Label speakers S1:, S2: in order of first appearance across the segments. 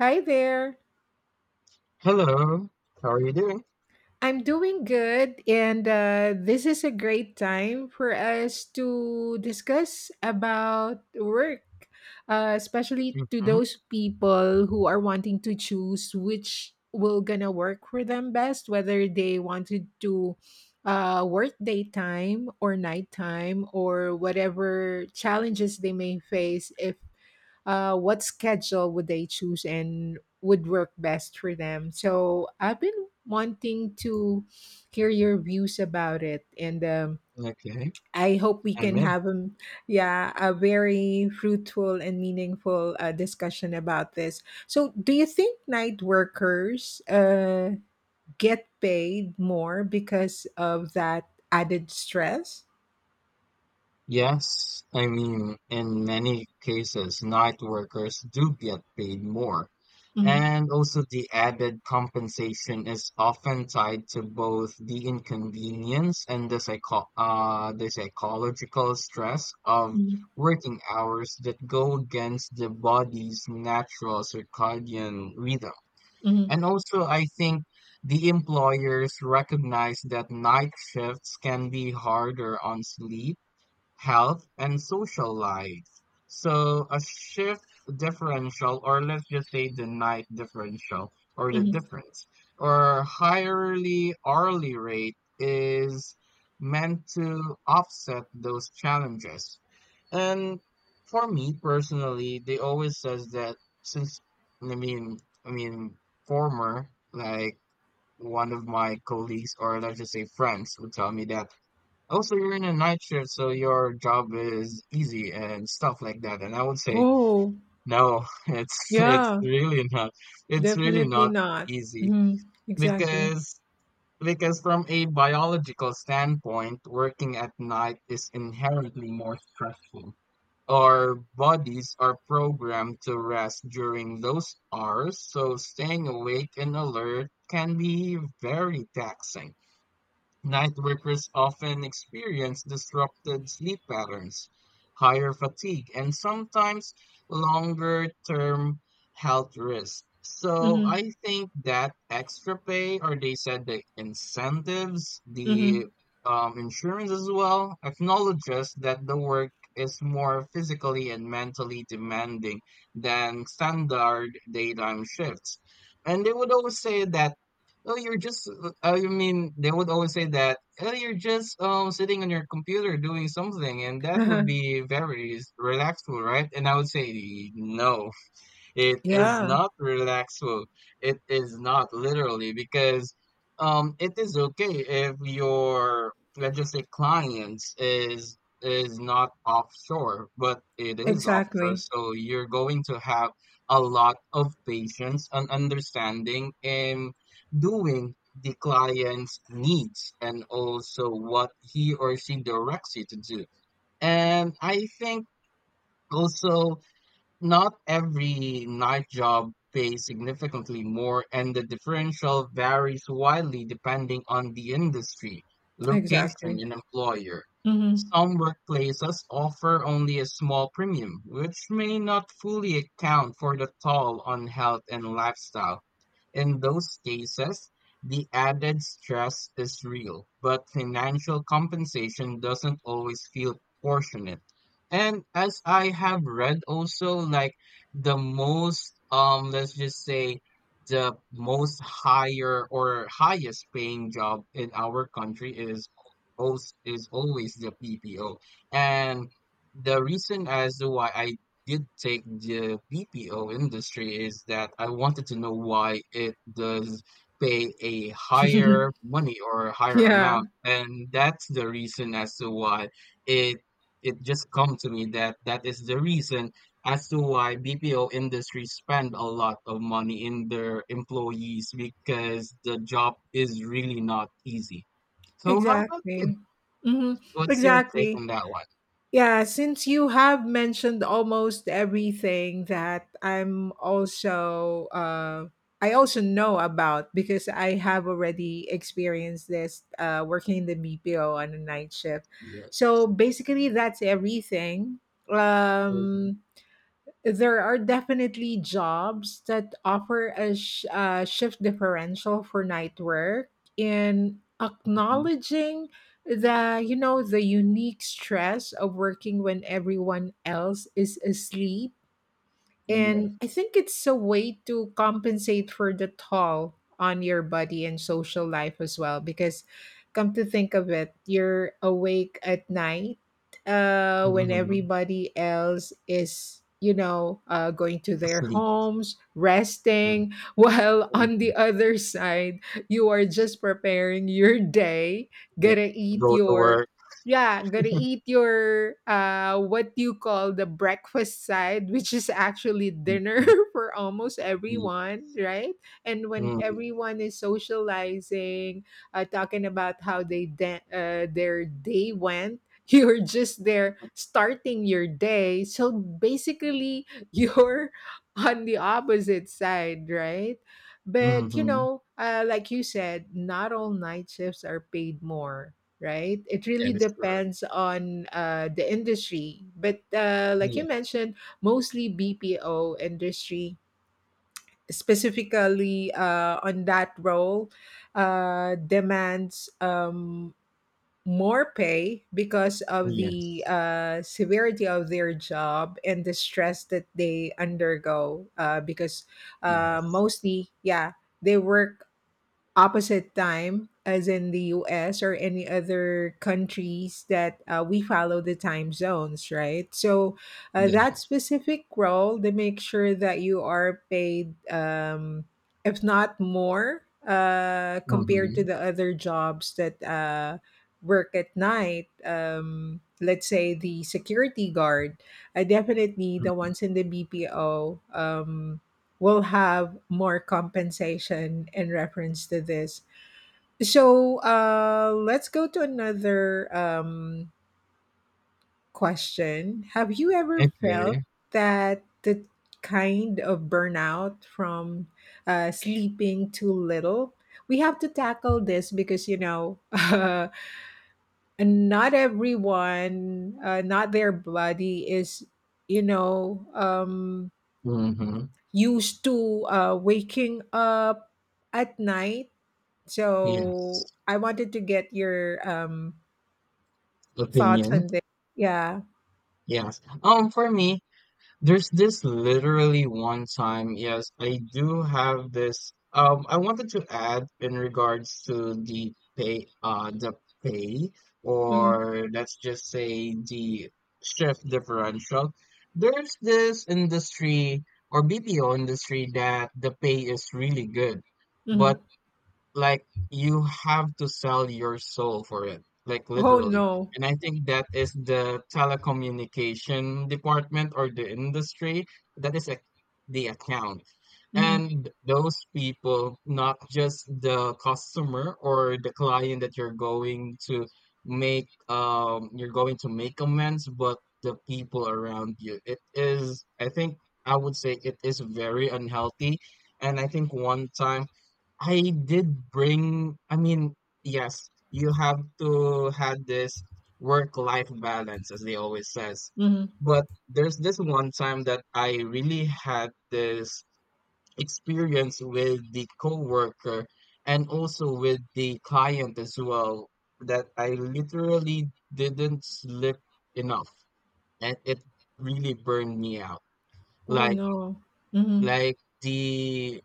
S1: Hi there.
S2: Hello, how are you doing?
S1: I'm doing good, and this is a great time for us to discuss about work, especially to
S2: hmm
S1: those people who are wanting to choose which will gonna work for them best, whether they wanted to work daytime or nighttime or whatever challenges they may face if what schedule would they choose and would work best for them. So I've been wanting to hear your views about it, and
S2: Okay,
S1: I hope we
S2: I'm
S1: can
S2: in.
S1: have yeah a very fruitful and meaningful discussion about this. So do you think night workers get paid more because of that added stress?
S2: Yes, I mean, in many cases, night workers do get paid more.
S1: Hmm.
S2: And also, the added compensation is often tied to both the inconvenience and the psycho the psychological stress of
S1: Hmm.
S2: working hours that go against the body's natural circadian rhythm.
S1: Hmm.
S2: And also, I think the employers recognize that night shifts can be harder on sleep health, and social life. So a shift differential, or let's just say the night differential, or the
S1: Hmm.
S2: difference, or higherly hourly rate is meant to offset those challenges. And for me personally, they always says that since I mean I mean former like one of my colleagues or let's just say friends would tell me that also, you're in a night shift, so your job is easy and stuff like that. And I would say,
S1: Oh,
S2: no, it's
S1: yeah.
S2: really not. It's really
S1: Definitely
S2: not
S1: not.
S2: easy
S1: Mhm. Exactly.
S2: because because from a biological standpoint, working at night is inherently more stressful. Our bodies are programmed to rest during those hours, so staying awake and alert can be very taxing. Night workers often experience disrupted sleep patterns, higher fatigue, and sometimes longer term health risks. So
S1: Mhm.
S2: I think that extra pay, or they said the incentives,
S1: Mhm. Uh-huh.
S2: the insurance as well, acknowledges that the work is more physically and mentally demanding than standard daytime shifts. And they would always say that Oh, you're just, I mean, they would always say that, oh, you're just sitting on your computer doing something, and that would be very relaxful, right? And I would say, no. It is
S1: Yeah.
S2: not relaxful. It is not literally because it is okay if your let's just say clients is not offshore, but it is offshore,
S1: Exactly.
S2: so you're going to have a lot of patience and understanding in doing the client's needs and also what he or she directs you to do. And I think also not every night job pays significantly more, and the differential varies widely depending on the industry, location,
S1: Exactly.
S2: and employer.
S1: Mhm.
S2: Some workplaces offer only a small premium, which may not fully account for the toll on health and lifestyle. In those cases, the added stress is real, but financial compensation doesn't always feel proportionate. And as I have read also, like the most, let's just say, the most higher or highest paying job in our country is is always the PPO. And the reason as to why I did take the BPO industry is that I wanted to know why it does pay a higher money or a higher
S1: Yeah.
S2: amount. And that's the reason as to why it it just come to me that that is the reason as to why BPO industry spend a lot of money in their employees because the job is really not easy. So how about you?
S1: Exactly. Mhm.
S2: What's your take
S1: Exactly.
S2: on that one?
S1: Yeah, since you have mentioned almost everything that I also know about because I have already experienced this working in the BPO on a night shift.
S2: Yes.
S1: So basically, that's everything.
S2: Mhm.
S1: Um, there are definitely jobs that offer a shift differential for night work, in acknowledging the you know the unique stress of working when everyone else is asleep, and
S2: Yes.
S1: I think it's a way to compensate for the toll on your body and social life as well. Because come to think of it, you're awake at night when
S2: Mhm.
S1: everybody else is, going to their
S2: Asleep.
S1: homes,
S2: Mm,
S1: resting, while
S2: mm,
S1: on the other side, you are just preparing your day,
S2: the
S1: gonna eat
S2: go to
S1: your
S2: work.
S1: yeah, gotta eat your what you call the breakfast side, which is actually
S2: Mm,
S1: dinner
S2: mm,
S1: for almost
S2: ye
S1: everyone, right? And when
S2: mm,
S1: everyone is socializing, talking about how they their day went, you're just there starting your day. So basically, you're on the opposite side, right? But you
S2: mhm.
S1: know, like you said, not all night shifts are paid more, right? It
S2: That
S1: really
S2: is correct.
S1: depends on the industry. But like
S2: Yeah.
S1: you mentioned, mostly BPO industry, specifically on that role, demands more pay because of the
S2: Yes.
S1: severity of their job and the stress that they undergo. Because
S2: Yes.
S1: mostly, yeah, they work opposite time as in the US or any other countries that we follow the time zones, right? So that
S2: Yeah.
S1: specific role, they make sure that you are paid, if not more, compared to
S2: Mhm.
S1: the other jobs that work at night. Let's say the security guard, definitely the
S2: Mm.
S1: ones in the BPO, will have more compensation in reference to this. So let's go to another question. Have you ever felt
S2: Okay.
S1: that the kind of burnout from sleeping too little? We have to tackle this because, and not everyone, not their body is, you know, um,
S2: Mhm.
S1: used to waking up at night. So
S2: Yes.
S1: I wanted to get your thoughts
S2: Opinion.
S1: on this. Yeah.
S2: Yes. For me, there's this literally one time, yes, I do have this. I wanted to add in regards to the pay,
S1: Hmm.
S2: or let's just say the shift differential. There's this industry or BPO industry that the pay is really good,
S1: Hmm.
S2: but like you have to sell your soul for it like
S1: Oh
S2: literally
S1: no.
S2: and I think that is the telecommunication department or the industry that is a, the account
S1: Hmm.
S2: and those people not just the customer or the client that you're going to make you're going to make amends but the people around you it is I think I would say it is very unhealthy and I think one time I did bring, I mean, yes, you have to have this work-life balance, as they always says.
S1: Hmm.
S2: But there's this one time that I really had this experience with the coworker and also with the client as well, that I literally didn't sleep enough, and it really burned me out.
S1: Oh
S2: Like
S1: no. Hmm.
S2: like the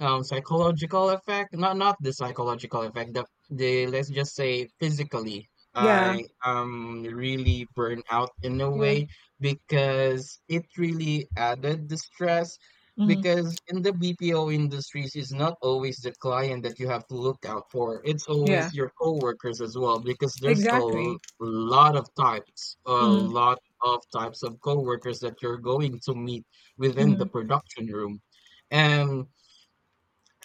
S2: psychological effect, not the psychological effect, the let's just say physically,
S1: Yeah.
S2: I am really burned out in a
S1: Yeah.
S2: way because it really added the stress.
S1: Hmm.
S2: Because in the BPO industries, it's not always the client that you have to look out for. It's
S1: Yeah.
S2: always your coworkers as well, because there's a
S1: Exactly.
S2: lot of types, a
S1: Hmm.
S2: lot of types of coworkers that you're going to meet within the
S1: Hmm.
S2: production room. And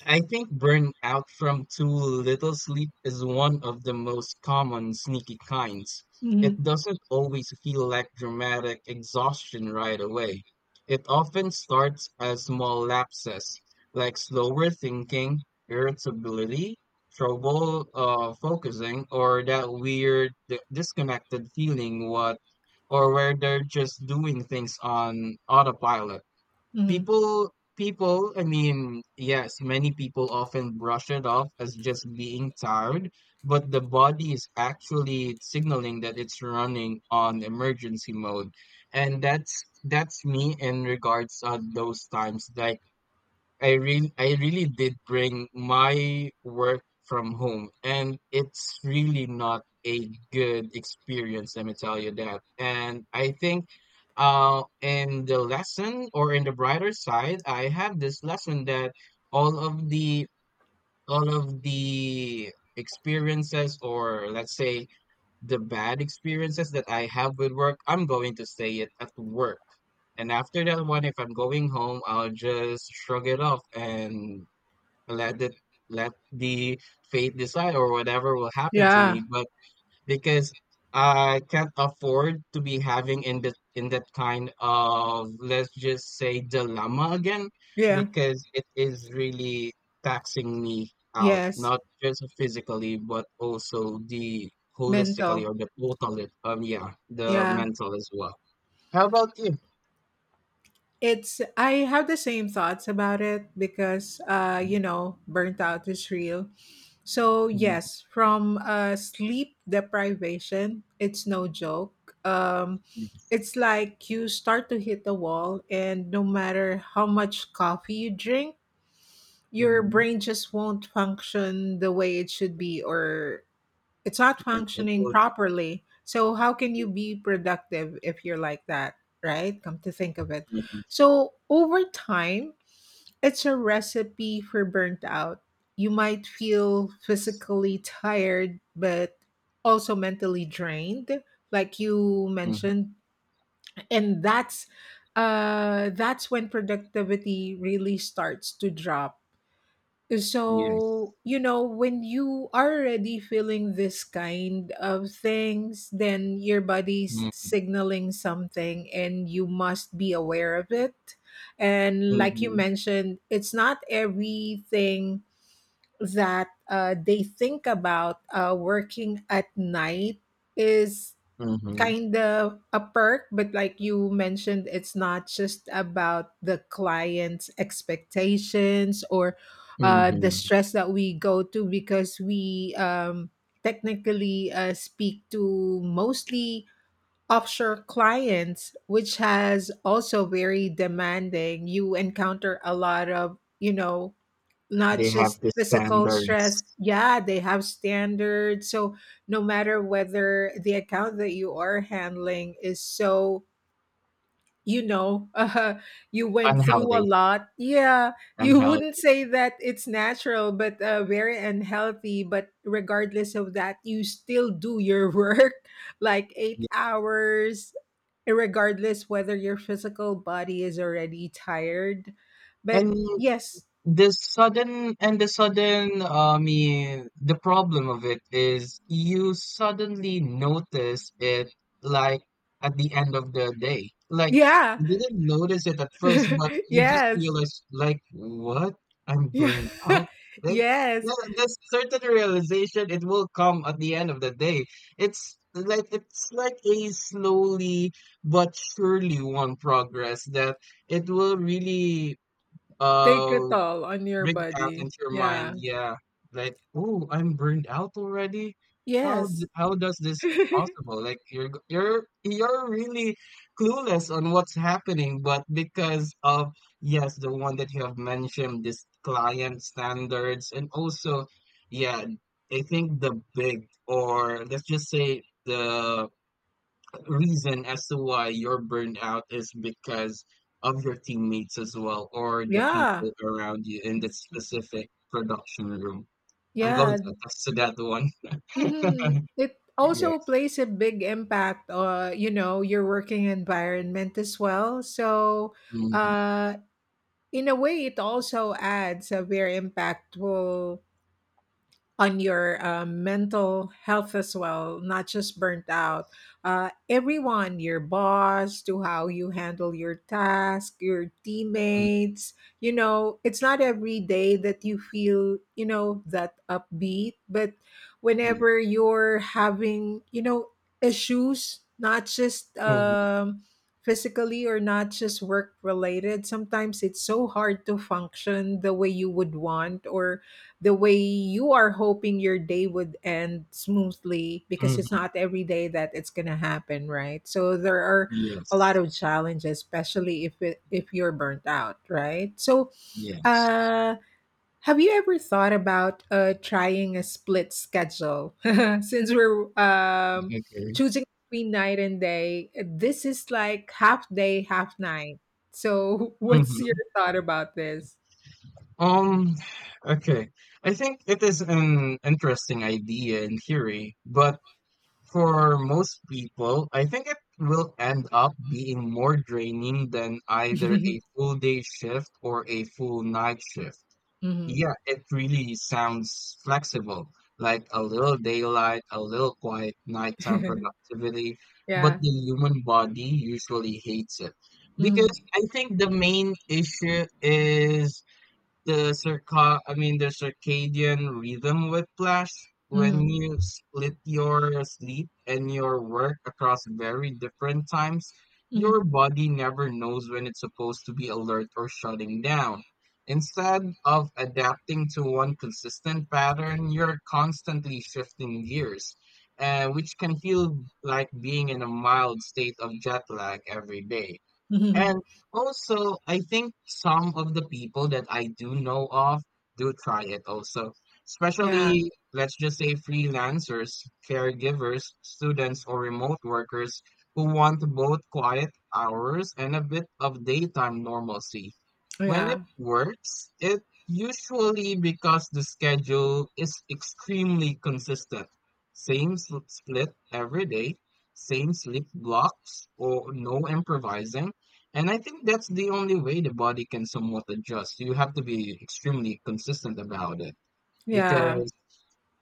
S2: I think burnout from too little sleep is one of the most common sneaky kinds. It
S1: Hmm.
S2: doesn't always feel like dramatic exhaustion right away. It often starts as small lapses, like slower thinking, irritability, trouble focusing, or that weird disconnected feeling what or where they're just doing things on autopilot.
S1: Hmm.
S2: Yes, many people often brush it off as just being tired, but the body is actually signaling that it's running on emergency mode. And that's me in regards those times that I really did bring my work from home and it's really not a good experience, let me tell you that. And I think in the lesson or in the brighter side, I have this lesson that all of the all of the experiences or let's say the bad experiences that I have with work, I'm going to say it at work. And after that one, if I'm going home, I'll just shrug it off and let it let the fate decide or whatever will happen to
S1: Yeah.
S2: me. But because I can't afford to be having in that kind of let's just say dilemma again
S1: Yeah.
S2: because it is really taxing me out,
S1: Yes.
S2: not just physically but also the holistically
S1: Mental.
S2: or the total yeah, the
S1: Yeah.
S2: mental as well. How about you?
S1: It's I have the same thoughts about it, because burnt out is real. So
S2: Mhm,
S1: yes, from sleep deprivation, it's no joke.
S2: yeah,
S1: It's like you start to hit the wall, and no matter how much coffee you drink, your
S2: mhm.
S1: brain just won't function the way it should be, or it's not
S2: Yeah, it
S1: functioning
S2: was.
S1: properly. So how can you be productive if you're like that, right? Come to think of it.
S2: Mhm,
S1: So over time, it's a recipe for burnt out. You might feel physically tired, but also mentally drained, like you
S2: mhm.
S1: mentioned. And that's when productivity really starts to drop.
S2: Yes.
S1: So, when you are already feeling this kind of things, then your body's
S2: Mm-hmm.
S1: signaling something and you must be aware of it. And like you
S2: Mm-hmm.
S1: mentioned, it's not everything that they think about working at night is
S2: Mm-hmm.
S1: kind of a perk, but like you mentioned, it's not just about the client's expectations or the
S2: Mm-hmm.
S1: stress that we go to because we technically speak to mostly offshore clients, which has also very demanding. You encounter a lot of, not
S2: They have
S1: just
S2: the
S1: physical stress.
S2: standards.
S1: Yeah, they have standards. So no matter whether the account that you are handling is so, you know, uh, you went through a
S2: Unhealthy,
S1: lot. Yeah, you wouldn't
S2: unhealthy,
S1: say that it's natural, but very unhealthy. But regardless of that, you still do your work like eight
S2: yeah,
S1: hours, regardless whether your physical body is already tired.
S2: and
S1: But yes,
S2: the sudden the problem of it is you suddenly notice it like at the end of the day. Like
S1: yeah,
S2: you didn't notice it at first, but you just
S1: Yes.
S2: realize like what? I'm
S1: Yeah.
S2: burned out. Like
S1: Yes.
S2: the certain realization it will come at the end of the day. It's like a slowly but surely one progress that it will really
S1: Take a
S2: uh
S1: toll on your
S2: rigged out
S1: body.
S2: into your
S1: Yeah.
S2: mind, yeah. Like, oh, I'm burned out already?
S1: Yes.
S2: How does this possible?" Like, you're g you're really clueless on what's happening, but because of, yes, the one that you have mentioned, this client standards, and also, yeah, I think the big or let's just say the reason as to why you're burned out is because of your teammates as well or the
S1: Yeah,
S2: people around you in that specific production room. I'm going
S1: yeah.
S2: to attest to that one.
S1: Hmm. It also
S2: Yes.
S1: plays a big impact, your working environment as well. So,
S2: hmm
S1: uh, in a way, it also adds a very impactful on your mental health as well, not just burnt out. Everyone, your boss, to how you handle your task, your
S2: Mm,
S1: teammates. You know, it's not every day that you feel, that upbeat, but
S2: yeah.
S1: whenever you're having, issues, not just
S2: hmm
S1: physically or not just work related, sometimes it's so hard to function the way you would want, or the way you are hoping your day would end smoothly, because it's
S2: hmm
S1: not every day that it's going to happen, right? So there are a lot
S2: Yes.
S1: of challenges, especially if you're burnt out, right? So
S2: Yes.
S1: uh have you ever thought about trying a split schedule since we're
S2: Okay.
S1: choosing between night and day? This is like half day, half night. So what's your
S2: hmm
S1: thought about this?
S2: Um, okay. I think it is an interesting idea in theory, but for most people, I think it will end up being more draining than either a full day shift or a full night shift.
S1: Mhm.
S2: Yeah, it really sounds flexible, like a little daylight, a little quiet nighttime productivity, but
S1: Yeah.
S2: the human body usually hates it. Because
S1: Mm,
S2: I think the main issue is the circadian rhythm whiplash when
S1: mm,
S2: you split your sleep and your work across very different times, your
S1: mm.
S2: body never knows when it's supposed to be alert or shutting down. Instead of adapting to one consistent pattern, you're constantly shifting gears, which can feel like being in a mild state of jet lag every day. And also, I think some of the people that I do know of do try it also,
S1: Yeah,
S2: especially, let's just say, freelancers, caregivers, students, or remote workers who want both quiet hours and a bit of daytime normalcy. When it
S1: yeah,
S2: works, it usually because the schedule is extremely consistent. Split every day, same sleep blocks, or no improvising and I think that's the only way the body can somewhat adjust. You have to be extremely consistent about it
S1: yeah.
S2: because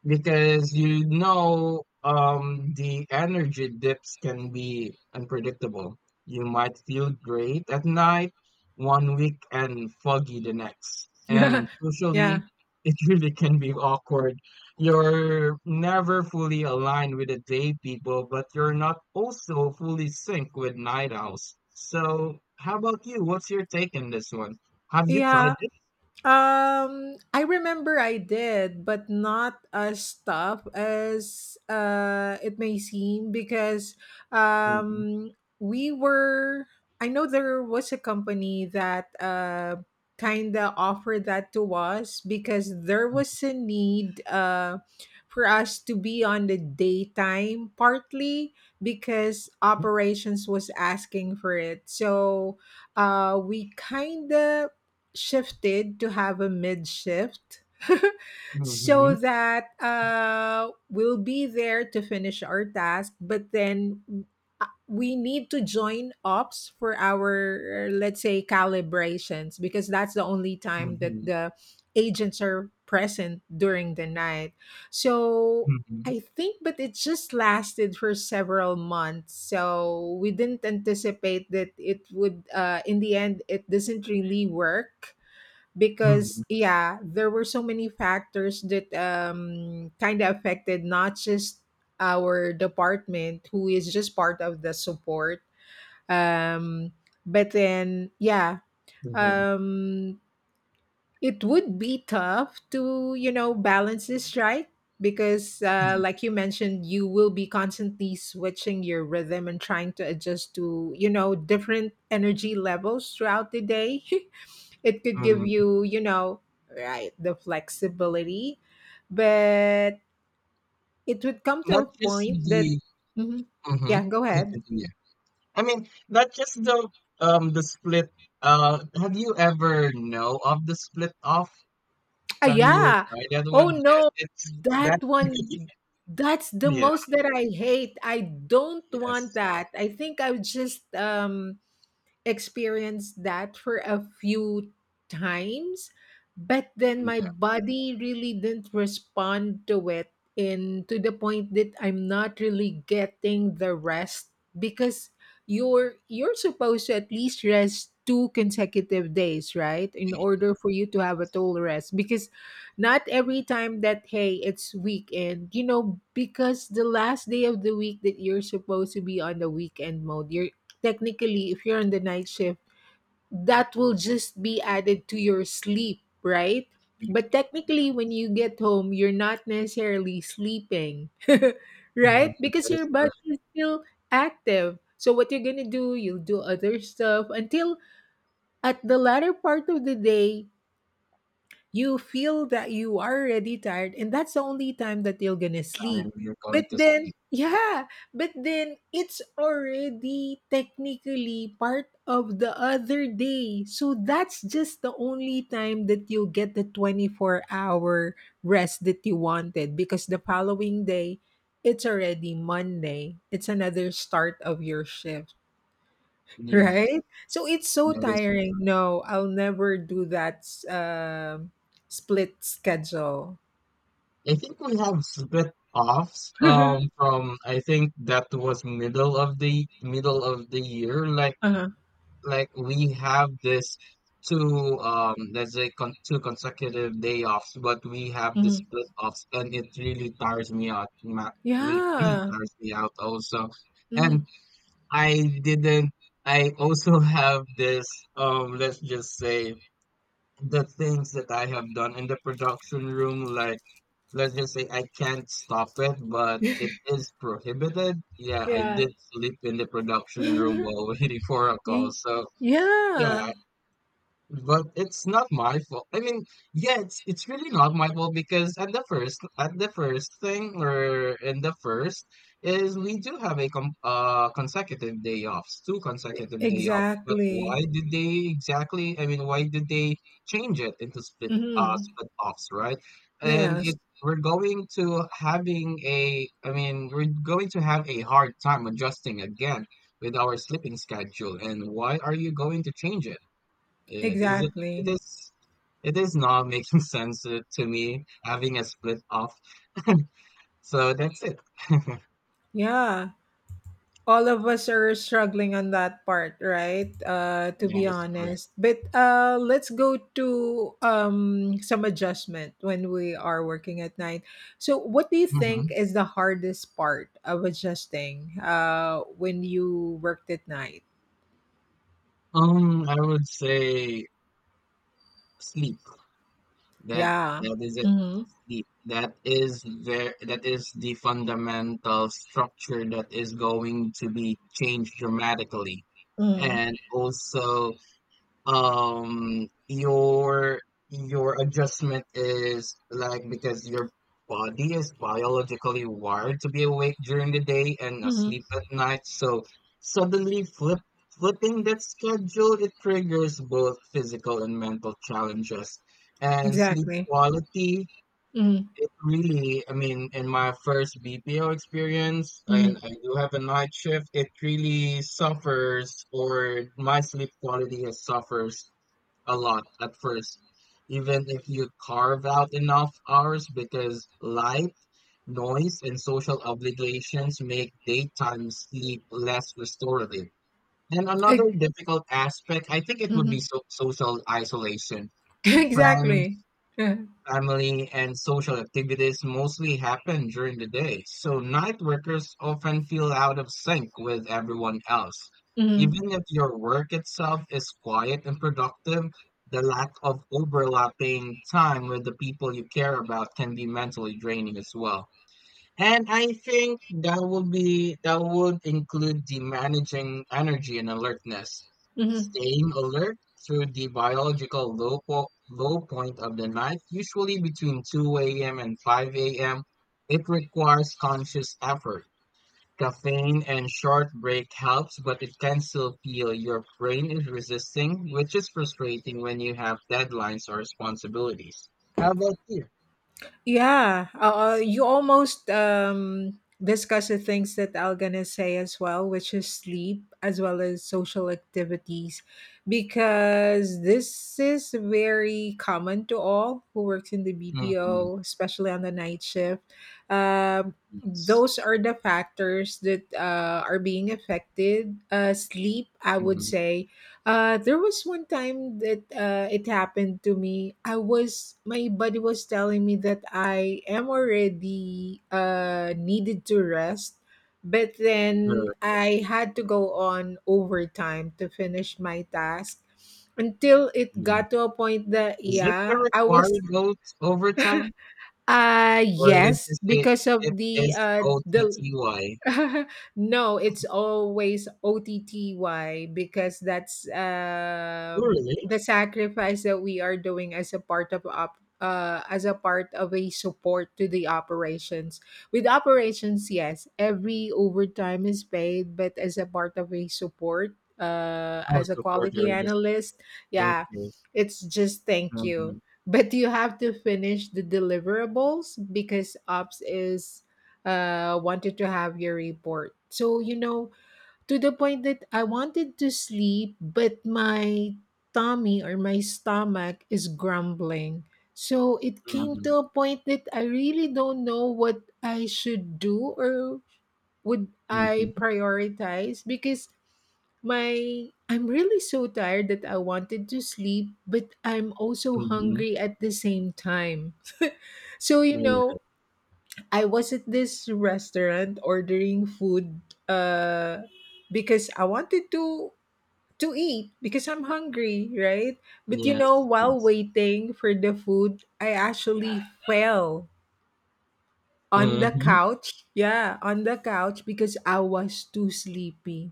S2: you know the energy dips can be unpredictable. You might feel great at night one week and foggy the next.
S1: Yeah,
S2: And
S1: yeah.
S2: socially, it really can be awkward. You're never fully aligned with the day people, but you're not also fully synced with night owls. So, how about you? What's your take on this one? Have you
S1: Yeah.
S2: tried this?
S1: I remember I did, but not as tough as it may seem, because
S2: hmm
S1: um we were I know there was a company that kind of offered that to us because there was a need for us to be on the daytime partly because operations was asking for it. So we kind of shifted to have a mid shift so that we'll be there to finish our task, but then we need to join ops for our, let's say, calibrations, because that's the only time that
S2: hmm
S1: the agents are present during the night. So
S2: hmm
S1: I think, but it just lasted for several months. So we didn't anticipate that it would, in the end, it doesn't really work
S2: Mhm,
S1: because, yeah, there were so many factors that kind of affected not just our department, who is just part of the support. Um, but then, yeah,
S2: mhm,
S1: um, it would be tough to balance this, right? Because
S2: mm,
S1: like you mentioned, you will be constantly switching your rhythm and trying to adjust to different energy levels throughout the day. It could give
S2: mm.
S1: you you know right the flexibility, but it would come to
S2: Not
S1: a
S2: just
S1: point that.
S2: the
S1: Mhm.
S2: mhm,
S1: Yeah, go
S2: okay,
S1: ahead.
S2: continue. I mean, not just the split, have you ever know of the split off?
S1: Ah,
S2: Have you
S1: yeah.
S2: tried that
S1: Oh
S2: one? Yes,
S1: no,
S2: it's that
S1: that one. That's the
S2: Yeah,
S1: most that I hate. I don't want
S2: yes.
S1: that. I think I would just experienced that for a few times, but then my
S2: Yeah,
S1: body really didn't respond to it in to the point that I'm not really getting the rest, because you're supposed to at least rest 2 consecutive days, right? In
S2: we-
S1: order for you to have a total rest, because not every time that hey, it's weekend, because the last day of the week that you're supposed to be on the weekend mode, you're technically if you're on the night shift, that will just be added to your sleep, right?
S2: we-
S1: But
S2: yeah.
S1: technically when you get home you're not necessarily sleeping, right?
S2: Mhm,
S1: Because
S2: that is
S1: your body
S2: correct.
S1: is still active, so what you're going to do, you'll do other stuff until at the latter part of the day you feel that you are already tired, and that's the only time that you're gonna
S2: Time am
S1: sleep.
S2: you're going
S1: but
S2: to
S1: then
S2: speak.
S1: yeah but then it's already technically part of the other day, so that's just the only time that you get the 24-hour rest that you wanted, because the following day it's already Monday, it's another start of your shift.
S2: Yes,
S1: Right? So it's so
S2: that is
S1: tiring. No, I'll never do that split schedule.
S2: I think we have split offs,
S1: Uh-huh.
S2: from I think that was middle of the year, like we have this two, let's say, con two consecutive day offs, but we have the
S1: Mhm.
S2: split offs, and it really tires me out. Really
S1: Yeah.
S2: tires me out also,
S1: Mhm.
S2: and I didn't. I also have this let's just say the things that I have done in the production room, like let's just say I can't stop it, but it is prohibited. Yeah, I
S1: Yeah.
S2: did sleep in the production room while waiting for a call.
S1: Y-
S2: So
S1: yeah.
S2: yeah, but it's not my fault. I mean, yeah, it's really not my fault, because at the first thing, or in the first is we do have a com consecutive day offs, two consecutive day offs. But why
S1: Exactly.
S2: did they exactly? I mean, why did they change it into split uh
S1: Hmm.
S2: split offs, right? And it
S1: Yes.
S2: we're going to having a I mean, we're going to have a hard time adjusting again with our sleeping schedule. And why are you going to change it? It is it
S1: Exactly.
S2: is it is not making sense to me, having a split off. So that's it.
S1: Yeah. All of us are struggling on that part, right? To
S2: That
S1: be
S2: is correct.
S1: honest. But let's go to some adjustment when we are working at night. So what do you think
S2: Mhm.
S1: is the hardest part of adjusting when you worked at night?
S2: I would say sleep. That
S1: Yeah.
S2: that is it.
S1: Mm-hmm.
S2: Sleep. That is the fundamental structure that is going to be changed dramatically.
S1: Mm-hmm.
S2: And also um your your adjustment is like, because your body is biologically wired to be awake during the day and
S1: Mm-hmm.
S2: asleep at night, so suddenly flipping that schedule, it triggers both physical and mental challenges and sleep
S1: Exactly.
S2: quality.
S1: Mm-hmm.
S2: It really, I mean, in my first BPO experience,
S1: Mm-hmm.
S2: and I do have a night shift, it really suffers, or my sleep quality has suffers a lot at first, even if you carve out enough hours, because light, noise, and social obligations make daytime sleep less restorative. And another difficult aspect, I think it would be social isolation. Friends,
S1: Exactly. Yeah.
S2: family, and social activities mostly happen during the day, so night workers often feel out of sync with everyone else.
S1: Mm-hmm.
S2: Even if your work itself is quiet and productive, the lack of overlapping time with the people you care about can be mentally draining as well. And I think that would include the managing energy and alertness, staying alert through the biological low point of the night, usually between 2 a.m. and 5 a.m. It requires conscious effort. Caffeine and short break helps, but it can still feel your brain is resisting, which is frustrating when you have deadlines or responsibilities. How about you?
S1: Yeah, you almost discuss the things that I'm gonna say as well, which is sleep as well as social activities, because this is very common to all who works in the
S2: Mhm.
S1: BPO, especially on the night shift. Um,
S2: Yes.
S1: those are the factors that are being affected. Sleep, I would
S2: Mhm.
S1: say, there was one time that it happened to me. I was my body was telling me that I am already needed to rest, but then I had to go on overtime to finish my task until it
S2: Sure.
S1: got to a point that
S2: Is this a
S1: yeah, I was
S2: required vote overtime? Or let's
S1: yes
S2: just say
S1: because of
S2: it
S1: the
S2: is
S1: uh the
S2: OTTY.
S1: no, it's always OTTY because that's
S2: Oh, really?
S1: the sacrifice that we are doing as a part of as a part of a support to the operations. With operations, yes, every overtime is paid, but as a part of a support,
S2: Oh,
S1: as a
S2: support
S1: quality
S2: her just as
S1: analyst,
S2: a support.
S1: yeah,
S2: Okay.
S1: it's just thank you.
S2: Mm-hmm.
S1: But you have to finish the deliverables because ops is wanted to have your report. So, to the point that I wanted to sleep, but my tummy or my stomach is grumbling. So it came
S2: Mm-hmm.
S1: to a point that I really don't know what I should do or would I
S2: Mm-hmm.
S1: prioritize because my I'm really so tired that I wanted to sleep, but I'm also
S2: Mm-hmm.
S1: hungry at the same time. So
S2: Oh, yeah.
S1: I was at this restaurant ordering food uh because I wanted to eat because I'm hungry, right? But
S2: Yes.
S1: while
S2: Yes.
S1: waiting for the food, I actually fell on the
S2: Mm-hmm.
S1: couch, yeah, on the couch because I was too sleepy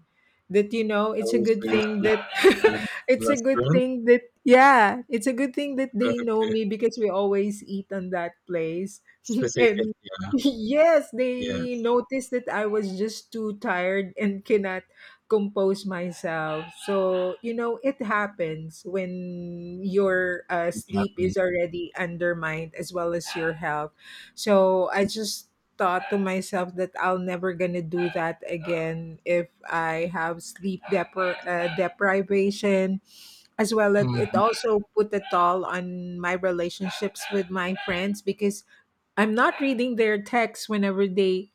S1: that
S2: I
S1: it's a
S2: will
S1: good
S2: say,
S1: thing
S2: so
S1: that
S2: on the
S1: it's a good
S2: restaurant.
S1: thing that yeah it's a good thing that they know
S2: Okay.
S1: me because we always eat on that place
S2: Specific.
S1: and
S2: Yeah.
S1: yes they
S2: Yes.
S1: noticed that I was just too tired and cannot compose myself, so it happens when your
S2: It's
S1: sleep
S2: happening.
S1: is already undermined as well as your health. So I just thought to myself that I'll never gonna do that again if I have sleep deprivation, as well as it
S2: Mm-hmm.
S1: also put a toll on my relationships with my friends because I'm not reading their texts whenever they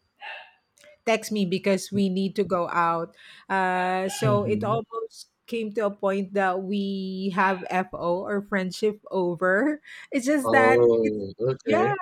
S1: text me because we need to go out. So it
S2: Mm-hmm.
S1: almost came to a point that we have FO or friendship over. It's just that it's
S2: Oh, okay.
S1: yeah.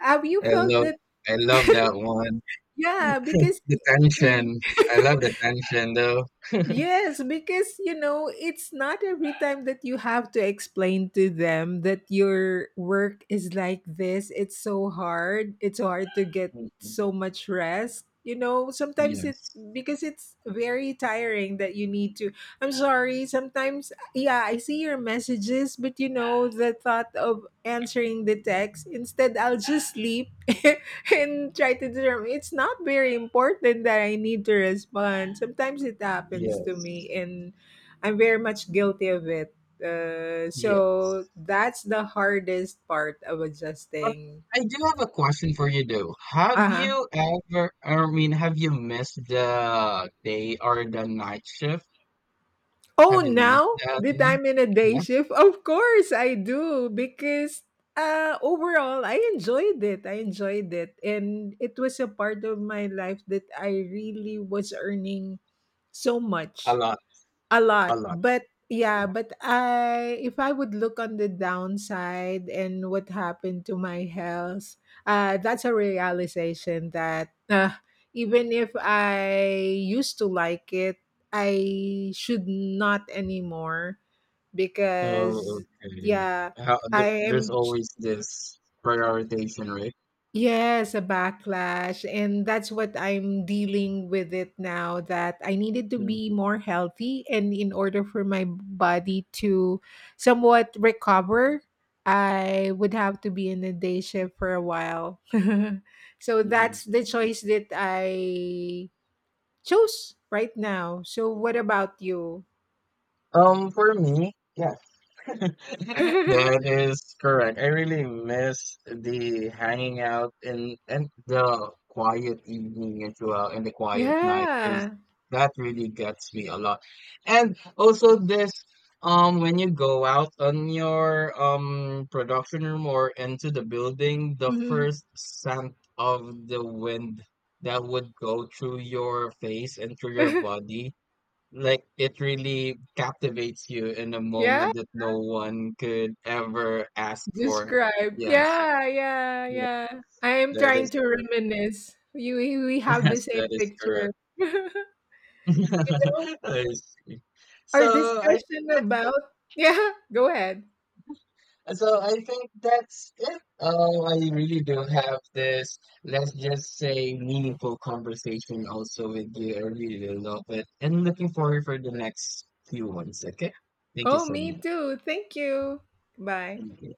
S1: Have you
S2: I
S1: felt
S2: love
S1: that
S2: I love that one.
S1: yeah, because
S2: The
S1: y-
S2: tension. I love the tension though.
S1: yes, because it's not every time that you have to explain to them that your work is like this. It's so hard. It's so hard to get
S2: Mhm.
S1: so much rest. Sometimes it
S2: Yes.
S1: because it's very tiring that you need to. I'm sorry, sometimes yeah, I see your messages, but the thought of answering the text, instead I'll just sleep and try to determine it's not very important that I need to respond. Sometimes it happens to me,
S2: Yes.
S1: and I'm very much guilty of it.
S2: Yes.
S1: So that's the hardest part of
S2: But
S1: adjusting.
S2: I do have a question for you though.
S1: Uh huh.
S2: I mean, have you missed the day or the night shift?
S1: Oh,
S2: Have you missed
S1: now
S2: that
S1: that
S2: one?
S1: I'm in a day
S2: Yes.
S1: shift, of course I do because overall I enjoyed it. I enjoyed it, and it was a part of my life that I really was earning so
S2: A
S1: much.
S2: lot.
S1: A
S2: A
S1: lot,
S2: lot.
S1: but
S2: Yeah.
S1: yeah, but I if I would look on the downside and what happened to my health, that's a realization that even if I used to like it, I should not anymore
S2: Oh,
S1: because
S2: okay.
S1: yeah,
S2: There,
S1: I
S2: there's
S1: am
S2: always this prioritization, right?
S1: yes, a backlash. And that's what I'm dealing with it now that I needed to be
S2: Mhm,
S1: more healthy. And in order for my body to somewhat recover, I would have to be in a day shift for a while. So
S2: mhm.
S1: that's the choice that I chose right now. So, what about you?
S2: For me, yeah, that is correct. I really miss the hanging out in and the quiet evening as well, and the quiet night is
S1: Yeah.
S2: that really gets me a lot. And also this when you go out on your production room or into the building, the
S1: Mhm.
S2: first scent of the wind that would go through your face and through your body, like it really captivates you in a
S1: Yeah.
S2: moment that no one could ever ask for.
S1: Describe.
S2: Yes.
S1: Yeah, yeah,
S2: Yeah,
S1: yeah. I am
S2: that
S1: trying
S2: is
S1: to
S2: correct.
S1: reminisce. You, we have the
S2: Yes, that
S1: same
S2: is
S1: picture.
S2: correct.
S1: You know,
S2: I see.
S1: our
S2: So I think
S1: discussion
S2: that's it.
S1: about. Yeah, go ahead.
S2: So I think that's it. Oh, I really do have this, let's just say, meaningful conversation also with you. I really do love it. And looking forward for the next few ones, okay? Thank you
S1: Oh,
S2: so
S1: me
S2: much.
S1: too. Thank you. Bye.
S2: Thank you.